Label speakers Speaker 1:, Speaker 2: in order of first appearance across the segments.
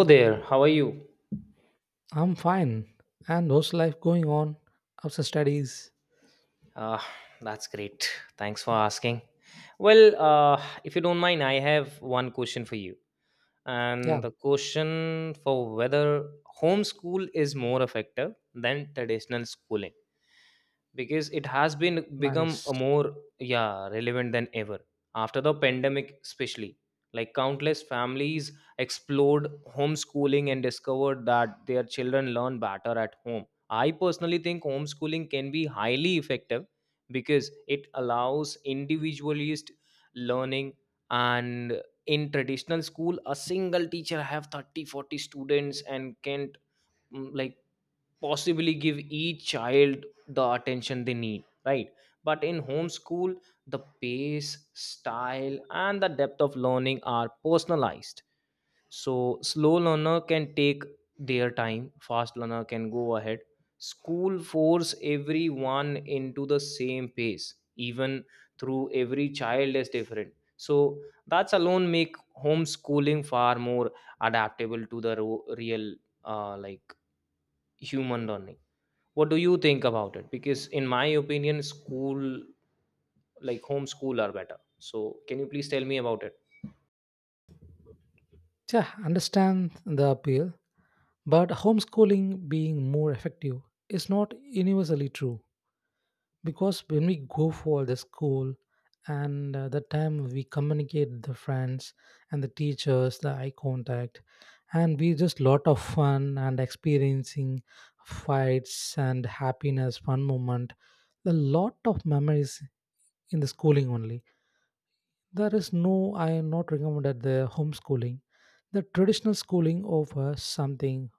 Speaker 1: Hello there, how are you?
Speaker 2: I'm fine. And those life going on? How's the studies?
Speaker 1: Uh, that's great. Thanks for asking. Well, if you don't mind, I have one question for you.
Speaker 2: Yeah,
Speaker 1: And the question for whether homeschool is more effective than traditional schooling because it has been become
Speaker 2: nice.
Speaker 1: a more, yeah, relevant than ever after the pandemic especially. Like countless families explored homeschooling and discovered that their children learn better at home. I personally think homeschooling can be highly effective because it allows individualist learning. And in traditional school a single teacher have 30, 40 students and can't like possibly give each child the attention they need, right? But in homeschool the pace, style and the depth of learning are personalized, so slow learner can take their time, fast learner can go ahead. School force everyone into the same pace, even through every child is different. So that's alone make homeschooling far more adaptable to the real like human learning. What do you think about it? Because in my opinion, school like homeschool are better. So can you please tell me about it?
Speaker 2: Yeah, understand the appeal, but homeschooling being more effective is not universally true because when we go for the school and the time we communicate with the friends and the teachers, the eye contact, and we just lot of fun and experiencing fights and happiness, fun moment, a lot of memories in the schooling only. There is no, I am not recommended the homeschooling. The traditional schooling offers something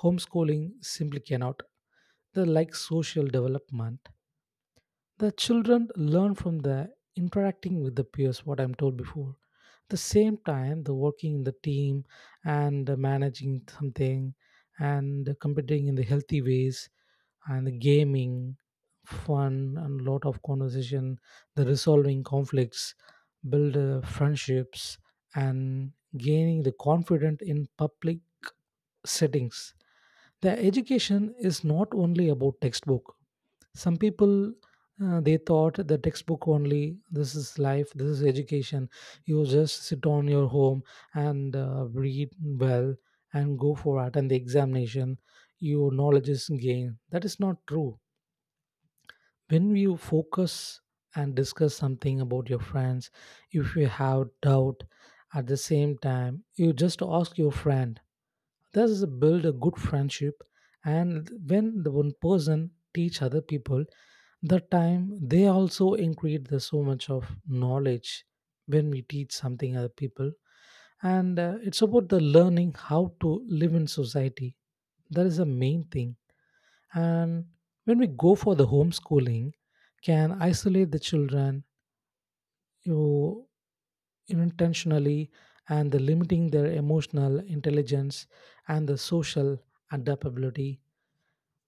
Speaker 2: homeschooling simply cannot. The like social development. The children learn from the interacting with the peers, what I'm told before. The same time, the working in the team and managing something and competing in the healthy ways and gaming, fun, and lot of conversation, the resolving conflicts, build friendships, and gaining the confidence in public settings. The education is not only about textbook. Some people they thought the textbook only, this is life, this is education, you just sit on your home and read well and go for it and the examination, your knowledge is gained, that is not true. When you focus and discuss something about your friends, if you have doubt, at the same time you just ask your friend. Thus is build a good friendship. And when the one person teach other people, the time they also increase the so much of knowledge when we teach something other people. And it's about the learning how to live in society, that is the main thing. And when we go for the homeschooling, can isolate the children you intentionally, and the limiting their emotional intelligence and the social adaptability.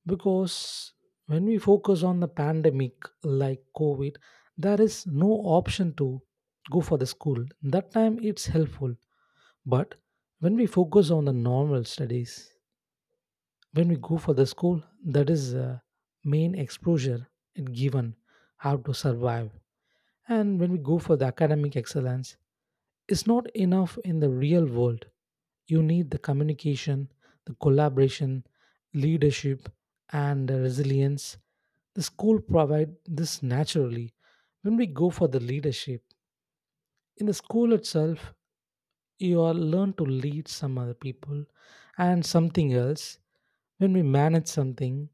Speaker 2: Because when we focus on the pandemic like COVID, there is no option to go for the school, that time it's helpful. But when we focus on the normal studies, when we go for the school, that is main exposure. It given how to survive. And when we go for the academic excellence, is not enough in the real world. You need the communication, the collaboration, leadership, and the resilience. The school provide this naturally. When we go for the leadership in the school itself, you are learn to lead some other people and something else when we manage something,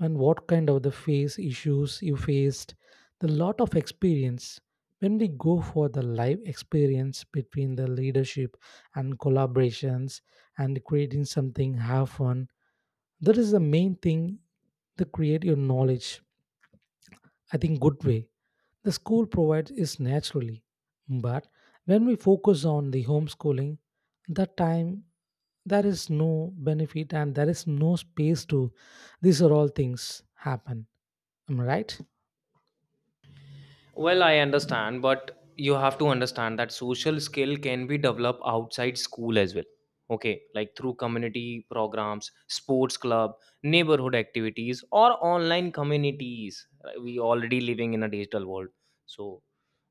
Speaker 2: and what kind of the face issues you faced, the lot of experience when we go for the live experience between the leadership and collaborations and creating something have fun, that is the main thing to create your knowledge. I think, good way, the school provides is naturally. But when we focus on the homeschooling, that time there is no benefit and there is no space to these are all things happen. Am I right?
Speaker 1: Well, I understand, but you have to understand that social skill can be developed outside school as well. Okay, like through community programs, sports club, neighborhood activities, or online communities. Right, we already living in a digital world, so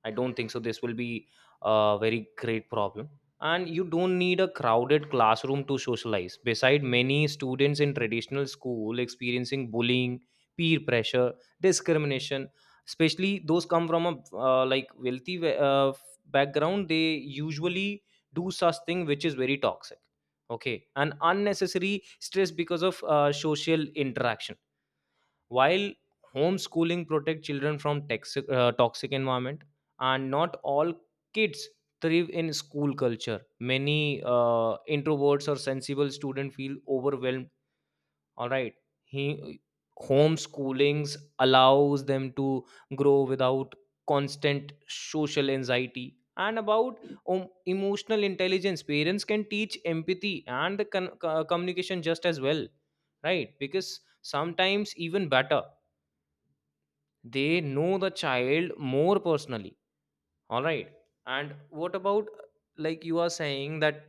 Speaker 1: I don't think so. This will be a very great problem. And you don't need a crowded classroom to socialize. Beside, many students in traditional school experiencing bullying, peer pressure, discrimination, especially those come from a like wealthy background. They usually do such thing which is very toxic, okay, and unnecessary stress because of social interaction. While homeschooling protect children from toxic, toxic environment. And not all kids thrive in school culture. Many introverts or sensible students feel overwhelmed, all right. he Homeschoolings allows them to grow without constant social anxiety. And about emotional intelligence, parents can teach empathy and the communication just as well, right? Because sometimes even better, they know the child more personally, all right. And what about, like, you are saying that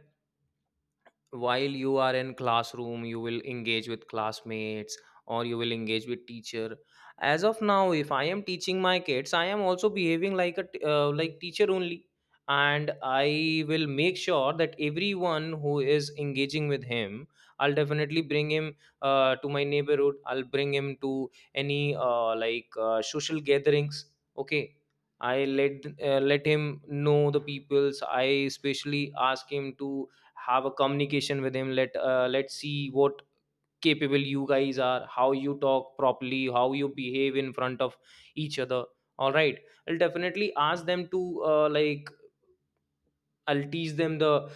Speaker 1: while you are in classroom you will engage with classmates or you will engage with teacher. As of now, if I am teaching my kids, I am also behaving like a like teacher only. And I will make sure that everyone who is engaging with him, I'll definitely bring him to my neighborhood. I'll bring him to any like social gatherings, okay. I let let him know the peoples. I especially ask him to have a communication with him. Let let's see what capable you guys are, how you talk properly, how you behave in front of each other, all right. I'll definitely ask them to like, I'll teach them the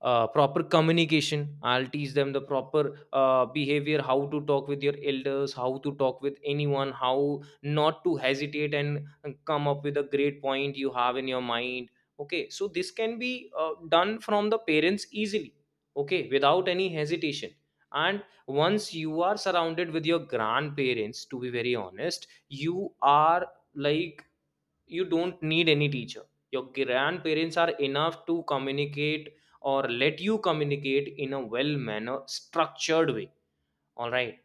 Speaker 1: proper communication. I'll teach them the proper behavior, how to talk with your elders, how to talk with anyone, how not to hesitate and come up with a great point you have in your mind. Okay, so this can be done from the parents easily, okay, without any hesitation. And once you are surrounded with your grandparents, to be very honest, you are, like, you don't need any teacher. Your grandparents are enough to communicate or let you communicate in a well manner structured way, all right.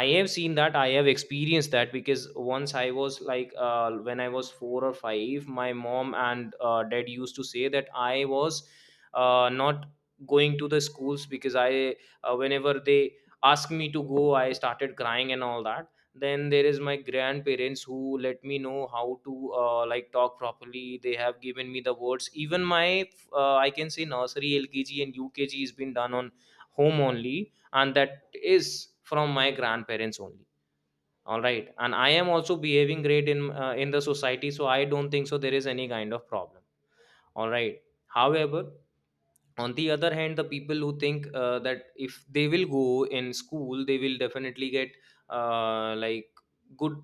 Speaker 1: I have seen that, I have experienced that, because once I was like when I was 4 or 5, my mom and dad used to say that I was not going to the schools because I, whenever they asked me to go, I started crying and all that. Then there is my grandparents who let me know how to like talk properly. They have given me the words. Even my I can say nursery, LKG and UKG has been done on home only, and that is from my grandparents only, all right. And I am also behaving great in the society, so I don't think so there is any kind of problem, all right. However, on the other hand, the people who think that if they will go in school they will definitely get like good,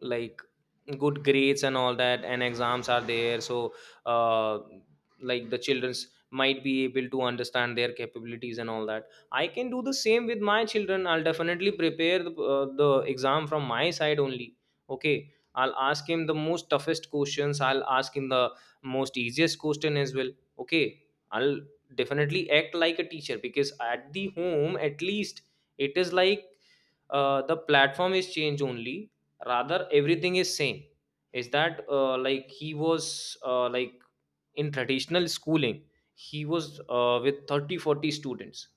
Speaker 1: like good grades and all that, and exams are there, so uh, like the children's might be able to understand their capabilities and all that. I can do the same with my children. I'll definitely prepare the exam from my side only. Okay, I'll ask him the most toughest questions, I'll ask him the most easiest question as well, okay. I'll definitely act like a teacher, because at the home at least, it is like the platform is changed only, rather everything is same. Is that like he was like in traditional schooling he was with 30, 40 students,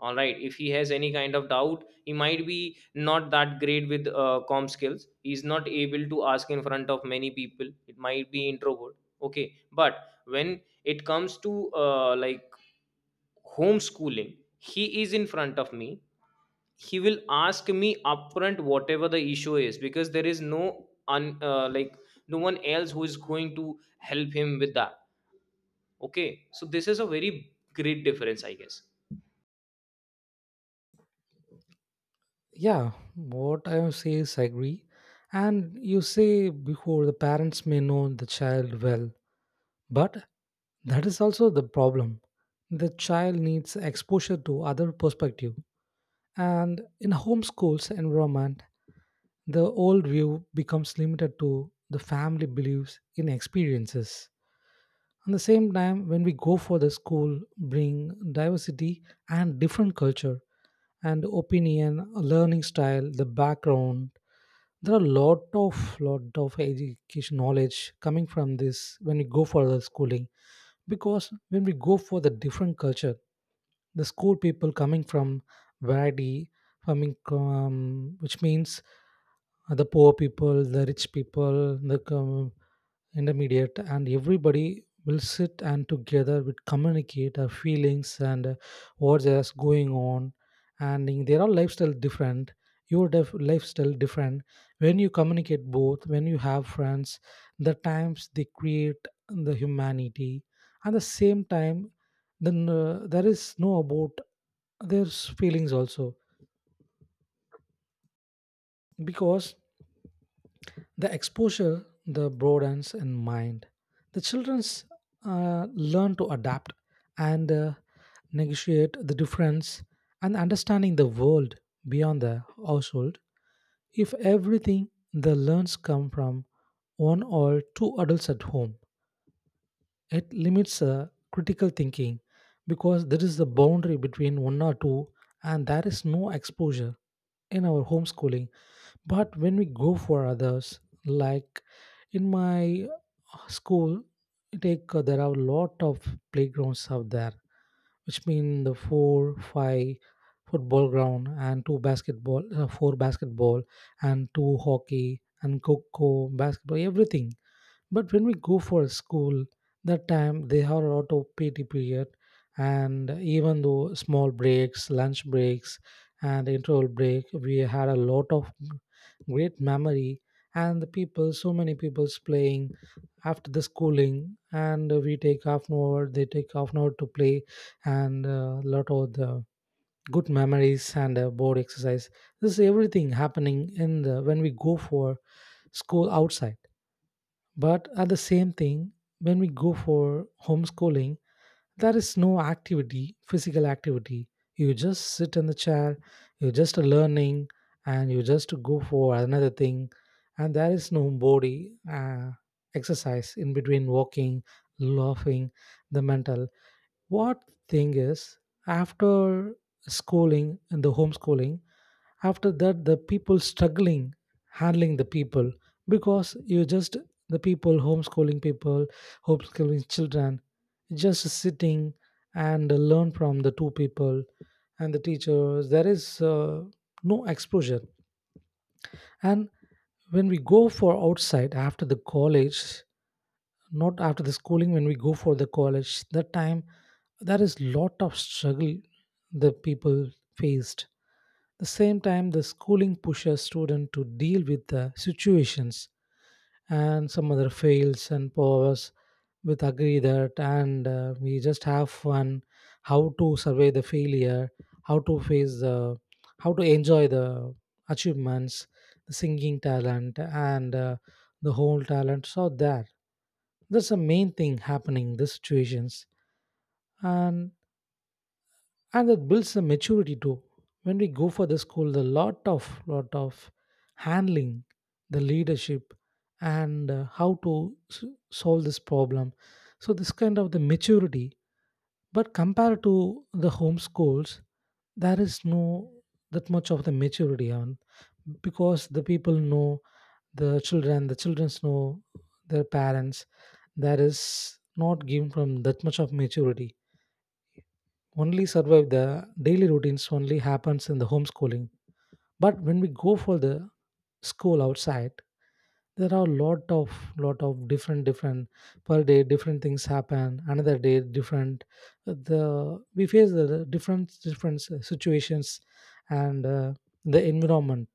Speaker 1: all right. If he has any kind of doubt, he might be not that great with com skills. He's not able to ask in front of many people. It might be introvert, okay. But when it comes to like homeschooling, he is in front of me. He will ask me upfront whatever the issue is, because there is no like no one else who is going to help him with that, okay. So this is a very great difference, I guess.
Speaker 2: Yeah, what I say is I agree. And you say before the parents may know the child well, but that is also the problem. The child needs exposure to other perspective. And in a homeschool's environment, the old view becomes limited to the family beliefs in experiences. At the same time, when we go for the school, bring diversity and different culture and opinion, learning style, the background. There are a lot of education knowledge coming from this when we go for the schooling. Because when we go for the different culture, the school people coming from variety, coming which means the poor people, the rich people, the com- intermediate, and everybody will sit and together will communicate our feelings and what's just going on. And in their all lifestyle different, your def- lifestyle different. When you communicate both, when you have friends, the times they create the humanity. At the same time, then there is no about there's feelings also, because the exposure, the broadens in mind. The childrens learn to adapt and negotiate the difference and understanding the world beyond the household. If everything the learns come from one or two adults at home, it limits critical thinking, because there is the boundary between one or two, and there is no exposure in our homeschooling. But when we go for others, like in my school, take there are a lot of playgrounds out there, which mean the four, five football ground and two basketball, four basketball and two hockey and coco basketball, everything. But when we go for school, that time they have a lot of PT period, and even though small breaks, lunch breaks, and interval break, we had a lot of great memory. And the people, so many people's playing after the schooling, and we take half an hour, they take half an hour to play, and a lot of the good memories and board exercise. This is everything happening in the when we go for school outside. But at the same thing, when we go for homeschooling, there is no activity, physical activity. You just sit in the chair, you're just learning, and you just go for another thing, and there is no body exercise in between walking, laughing, the mental. What thing is after schooling and the homeschooling, after that the people struggling handling the people because you just the people homeschooling children just sitting and learn from the two people and the teachers, there is no exposure. And when we go for outside after the college, not after the schooling, when we go for the college that time there is lot of struggle the people faced. The same time the schooling pushes students to deal with the situations and some other fails and powers, with agree that, and we just have fun. How to survey the failure, how to face the, how to enjoy the achievements, the singing talent, and the whole talent, so that that's the main thing happening in these situations. and and that builds a maturity too. When we go for the school, the lot of handling the leadership, and how to s- solve this problem, so this kind of the maturity. But compared to the home schools, there is no that much of the maturity on, because the people know the children, the childrens know their parents. There is not given from that much of maturity, only survive the daily routines only happens in the homeschooling. But when we go for the school outside, there are lot of different different per day different things happen, another day different the we face the different different situations and the environment,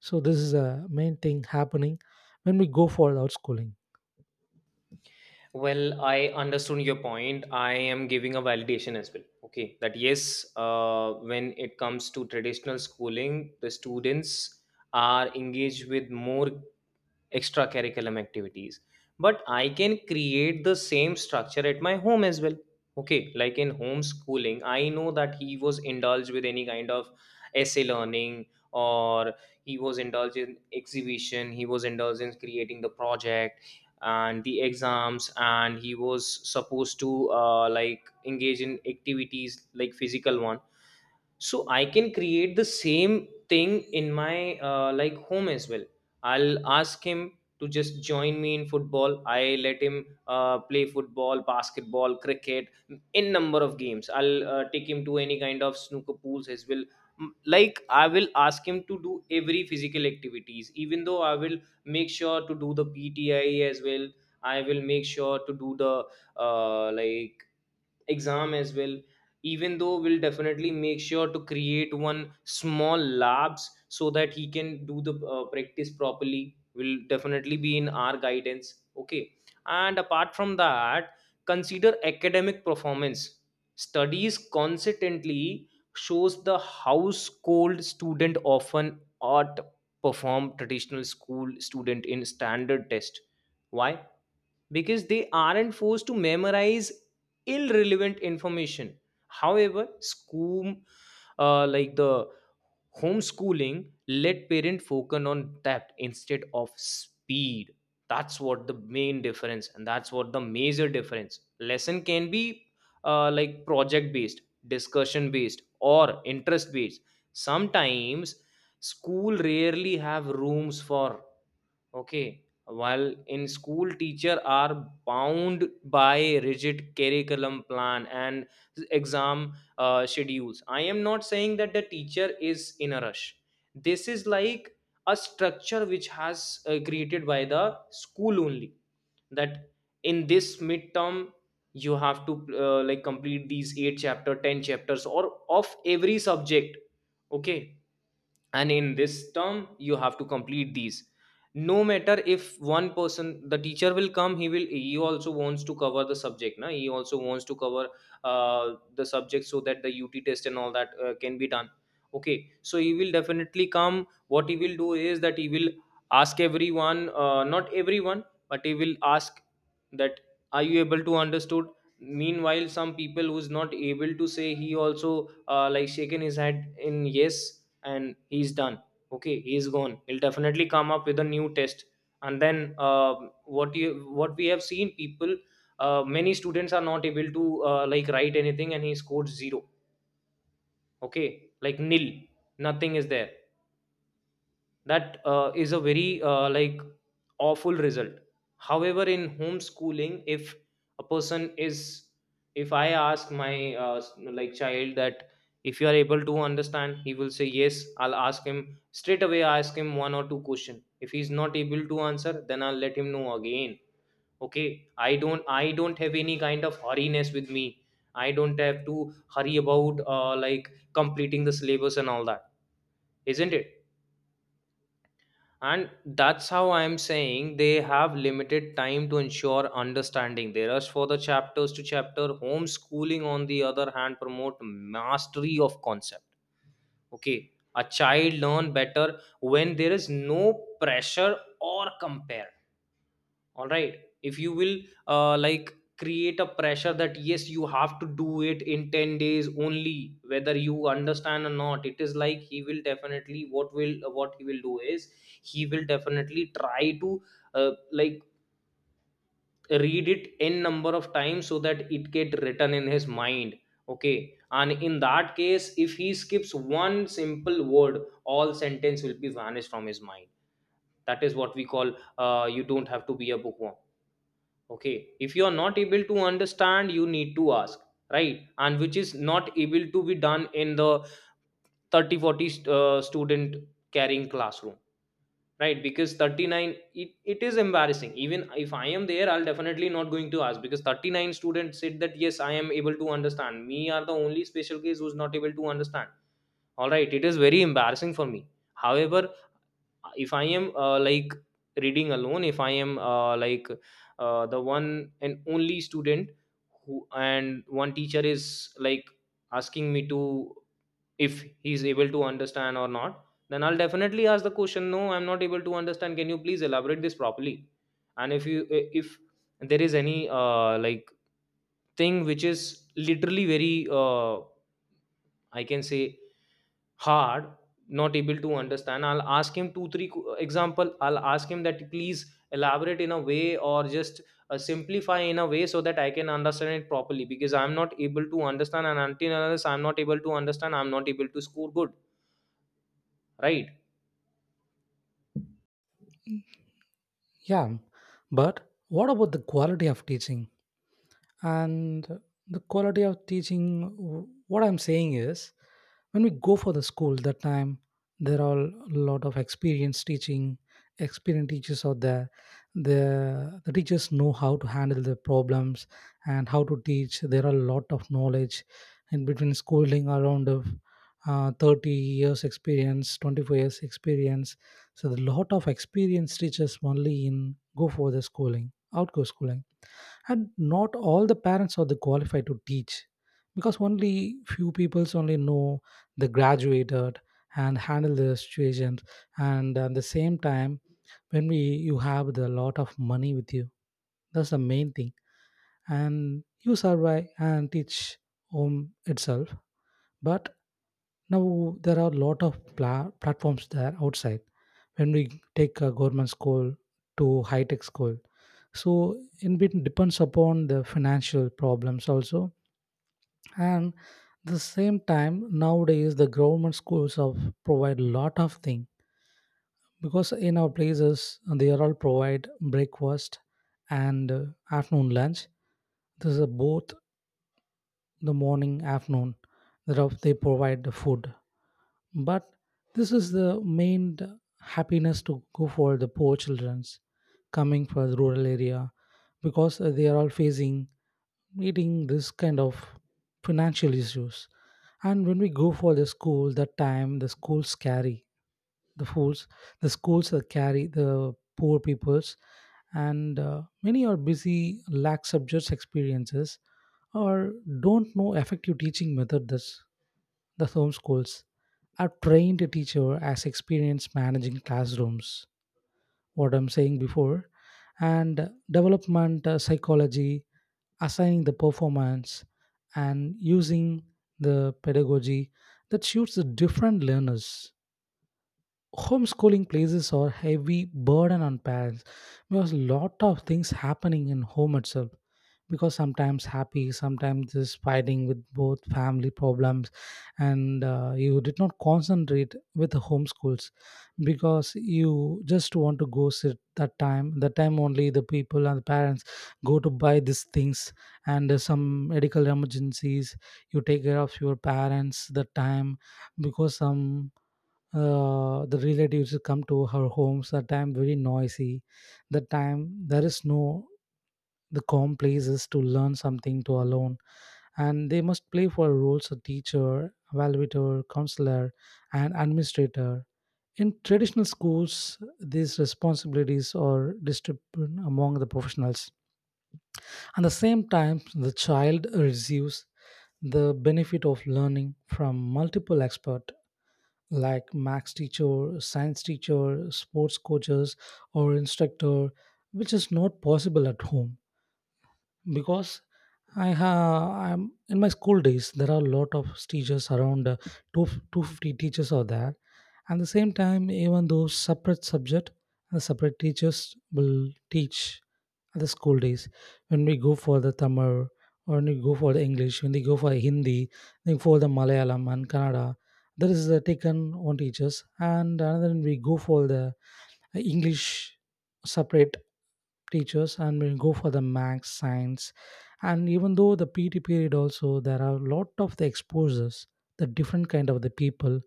Speaker 2: so this is a main thing happening when we go for the outschooling.
Speaker 1: Well, I understood your point. I am giving a validation as well, okay, that yes, when it comes to traditional schooling, the students are engaged with more extracurriculum activities, but I can create the same structure at my home as well, okay. Like in homeschooling, I know that he was indulged with any kind of essay learning, or he was indulged in exhibition, he was indulged in creating the project and the exams, and he was supposed to like engage in activities like physical one. So I can create the same thing in my like home as well. I'll ask him to just join me in football. I let him play football, basketball, cricket in number of games. I'll take him to any kind of snooker pools as well. Like I will ask him to do every physical activities. Even though, I will make sure to do the PTI as well. I will make sure to do the like exam as well. Even though, we'll definitely make sure to create one small labs so that he can do the practice properly, will definitely be in our guidance, okay. And apart from that, consider academic performance. Studies consistently shows the household student often outperform traditional school student in standard test. Why? Because they aren't forced to memorize irrelevant information. However, school, like, the homeschooling let parent focus on depth instead of speed. That's what the main difference, and that's what the major difference. Lesson can be like project based, discussion based, or interest based. Sometimes school rarely have rooms for, okay. While in school, teacher are bound by rigid curriculum plan and exam schedules. I am not saying that the teacher is in a rush. This is like a structure which has created by the school only. That in this midterm, you have to like complete these eight chapter, ten chapters, or of every subject. Okay, and in this term you have to complete these, no matter if one person, the teacher will come, he will, he also wants to cover the subject na, he also wants to cover the subject so that the UT test and all that can be done, okay. So he will definitely come. What he will do is that he will ask everyone, not everyone, but he will ask that, are you able to understood? Meanwhile some people who's not able to say, he also like shaken his head in yes and he's done. Okay, he's gone, he'll definitely come up with a new test. And then, what you, what we have seen people, many students are not able to like write anything, and he scored zero, okay, like nil, nothing is there. That is a very like awful result. However, in homeschooling, if a person is, if I ask my uh, s- like child that, if you are able to understand, he will say yes. I'll ask him, straight away ask him one or two question. If he's not able to answer, then I'll let him know again, okay. I don't, I don't have any kind of hurriness with me. I don't have to hurry about like completing the syllabus and all that, isn't it? And that's how I'm saying, they have limited time to ensure understanding. They rush for the chapters to chapter. Homeschooling, on the other hand, promote mastery of concept. Okay, a child learn better when there is no pressure or compare. All right, if you will like create a pressure that yes, you have to do it in 10 days only, whether you understand or not. It is like, he will definitely, what will what he will do is he will definitely try to like read it n number of times so that it get written in his mind. Okay, and in that case if he skips one simple word all sentence will be vanished from his mind. That is what we call, you don't have to be a bookworm. Okay, if you are not able to understand you need to ask, right? And which is not able to be done in the 30 40 student carrying classroom, right? Because 39, it is embarrassing. Even if I am there I'll definitely not going to ask because 39 students said that yes, I am able to understand, me are the only special case who's not able to understand. All right, it is very embarrassing for me. However, if I am like reading alone, if I am the one and only student who, and one teacher is like asking me to if he is able to understand or not, then I'll definitely ask the question, no I'm not able to understand, can you please elaborate this properly. And if there is any like thing which is literally very I can say, hard, not able to understand. I'll ask him two three example, I'll ask him that please elaborate in a way, or just simplify in a way so that I can understand it properly, because I'm not able to understand and until and unless I'm not able to understand I'm not able to score good, right?
Speaker 2: Yeah, but what about the quality of teaching? And the quality of teaching, w- what I'm saying is, when we go for the school that time there are a lot of experienced teaching, experienced teachers out there, the teachers know how to handle the problems and how to teach, there are a lot of knowledge in between schooling around of 30 years experience, 24 years experience. So the lot of experienced teachers only in go for the schooling outgo schooling. And not all the parents are the qualified to teach, because only few people only know the graduated and handle the situations. And at the same time when we you have the lot of money with you, that's the main thing, and you survive and teach home itself. But now there are a lot of pla- platforms there outside. When we take a government school to high tech school, so in bit depends upon the financial problems also. And the same time nowadays the government schools of provide lot of thing, because in our places they are all provide breakfast and afternoon lunch. This is a both the morning, afternoon, thereof they provide the food. But this is the main d- happiness to go for the poor childrens coming from the rural area, because they are all facing meeting this kind of financial issues. And when we go for the school, that time the school's scary, the fools, the schools that carry the poor peoples, and many are busy lack subjects experiences, or don't know effective teaching method. That's the homeschools are trained a teacher as experience managing classrooms, what I'm saying before, and development psychology, assigning the performance, and using the pedagogy that suits the different learners. Homeschooling places a heavy burden on parents because a lot of things happening in home itself, because sometimes happy, sometimes just fighting with both family problems, and you did not concentrate with the homeschools, because you just want to go sit that time, that time only the people and the parents go to buy these things, and some medical emergencies, you take care of your parents the time, because some the relatives come to her homes that time, very noisy. That time there is no the calm places to learn something to alone. And they must play for roles of teacher, evaluator, counselor, and administrator. In traditional schools these responsibilities are distributed among the professionals. At the same time the child receives the benefit of learning from multiple experts, like max teacher, science teacher, sports coaches, or instructor, which is not possible at home. Because I'm in my school days there are a lot of teachers around, two 250 teachers are there. At the same time, even though separate subject and separate teachers will teach at the school days, when we go for the Tamil, or when we go for the English, when they go for Hindi, then for the Malayalam and Kannada, there is taken one teachers, and another we go for the English, separate teachers, and we go for the max science. And even though the PT period also, there are a lot of the exposures, the different kind of the people,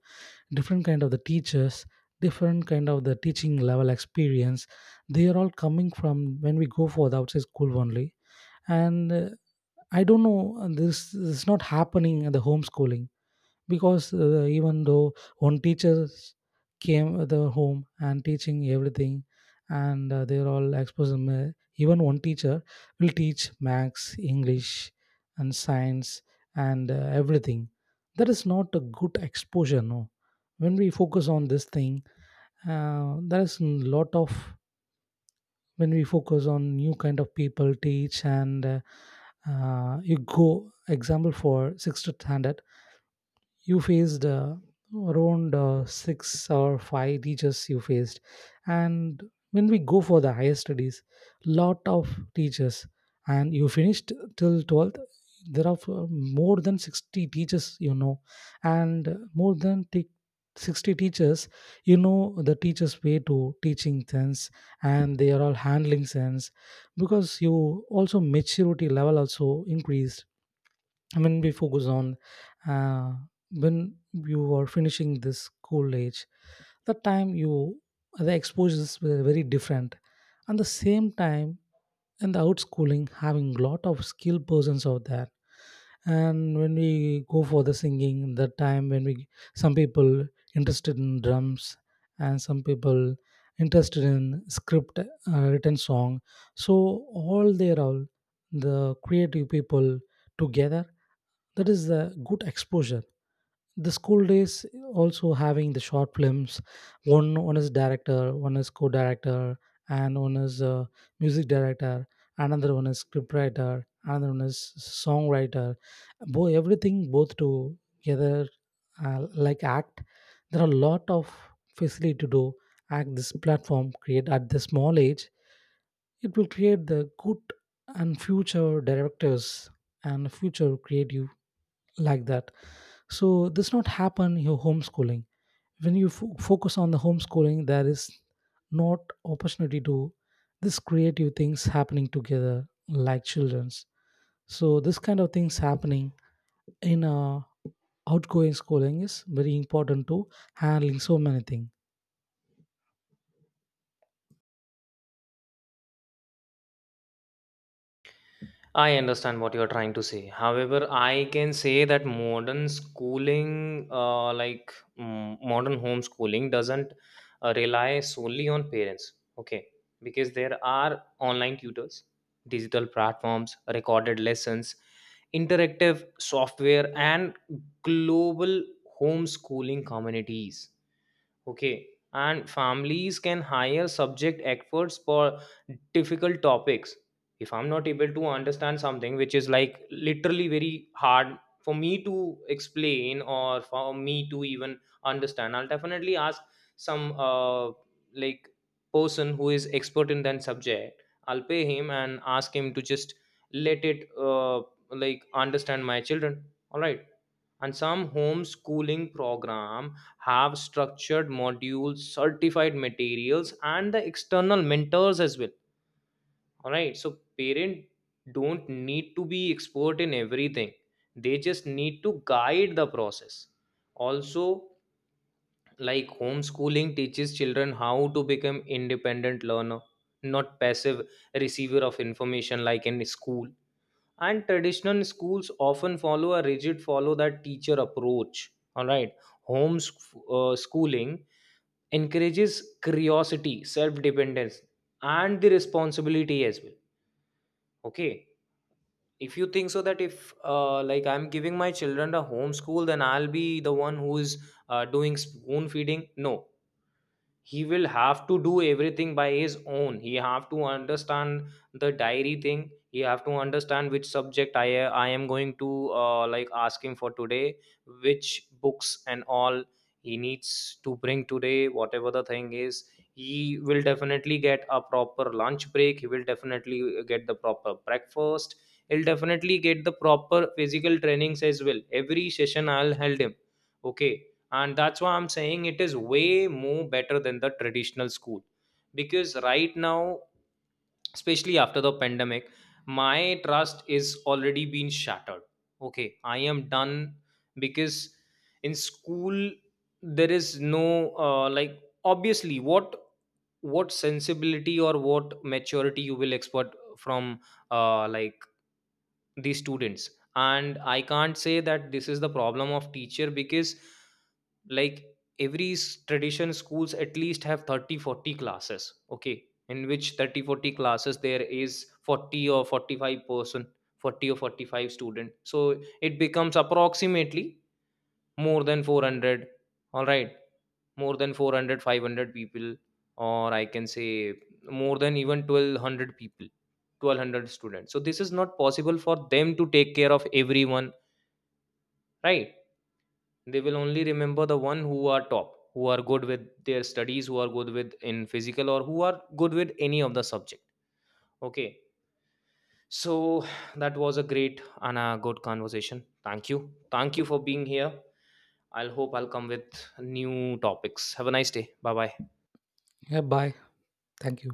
Speaker 2: different kind of the teachers, different kind of the teaching level experience. They are all coming from when we go for the outside school only. And I don't know, this is not happening in the homeschooling, because even though one teacher came at the home and teaching everything, and they're all exposed even one teacher will teach max english and science and everything. That is not a good exposure, no. When we focus on this thing, there is a lot of, when we focus on new kind of people teach, and you go example for sixth standard, you faced around six or five teachers you faced. And when we go for the higher studies, lot of teachers, and you finished till 12th, there are more than 60 teachers, you know. And 60 teachers, you know the teachers way to teaching sense, and they are all handling sense, because you also maturity level also increased. I mean, we focus on uh, when you are finishing this cold age, the time you the exposures were very different. And the same time, in the outschooling, having lot of skilled persons out there. And when we go for the singing the time, when we some people interested in drums, and some people interested in script written song, so all they are all the creative people together. That is a good exposure. The school days also having the short films. One is director, one is co-director, and one is music director, another one is scriptwriter, another one is songwriter, both everything both together, like act. There are a lot of facility to do act. This platform create at the small age, it will create the good and future directors and future creative, like that. So this not happen your homeschooling. When you focus on the homeschooling, there is not opportunity to this creative things happening together like children's. So this kind of things happening in outgoing schooling is very important to handling so many things.
Speaker 1: I understand what you're trying to say. However, I can say that modern schooling, modern homeschooling, doesn't rely solely on parents. Okay. Because there are online tutors, digital platforms, recorded lessons, interactive software, and global homeschooling communities. Okay. And families can hire subject experts for difficult topics. If I'm not able to understand something which is like literally very hard for me to explain or for me to even understand, I'll definitely ask some like person who is expert in that subject. I'll pay him and ask him to just let it like understand my children. All right, and some homeschooling program have structured modules, certified materials and the external mentors as well. All right, so parent don't need to be expert in everything, they just need to guide the process. Also, like homeschooling teaches children how to become independent learner, not passive receiver of information like in school. And traditional schools often follow a rigid follow that teacher approach, all right? Home schooling encourages curiosity, self dependence, and the responsibility as well. Okay. If you think so that if like I'm giving my children a home school, then I'll be the one who is doing spoon feeding, no? He will have to do everything by his own. He have to understand the diary thing. He have to understand which subject I am going to like ask him for today, which books and all he needs to bring today, whatever the thing is. He will definitely get a proper lunch break, he will definitely get the proper breakfast, he'll definitely get the proper physical trainings as well. Every session I'll held him. Okay. And that's why I'm saying it is way more better than the traditional school. Because right now, especially after the pandemic, my trust is already been shattered. Okay, I am done. Because in school there is no, like, obviously, what sensibility or what maturity you will expect from like the students. And I can't say that this is the problem of teacher because, like, every tradition schools at least have 30 40 classes. Okay, in which 30 40 classes there is 40 or 45 person, 40 or 45 student, so it becomes approximately more than 400. All right, more than 400 500 people, or I can say more than even 1,200 people, 1,200 students. So this is not possible for them to take care of everyone, right? They will only remember the one who are top, who are good with their studies, who are good with in physical, or who are good with any of the subject. Okay. So that was a great and a good conversation. Thank you. Thank you for being here. I'll hope I'll come with new topics. Have a nice day, bye bye.
Speaker 2: Yeah, bye. Thank you.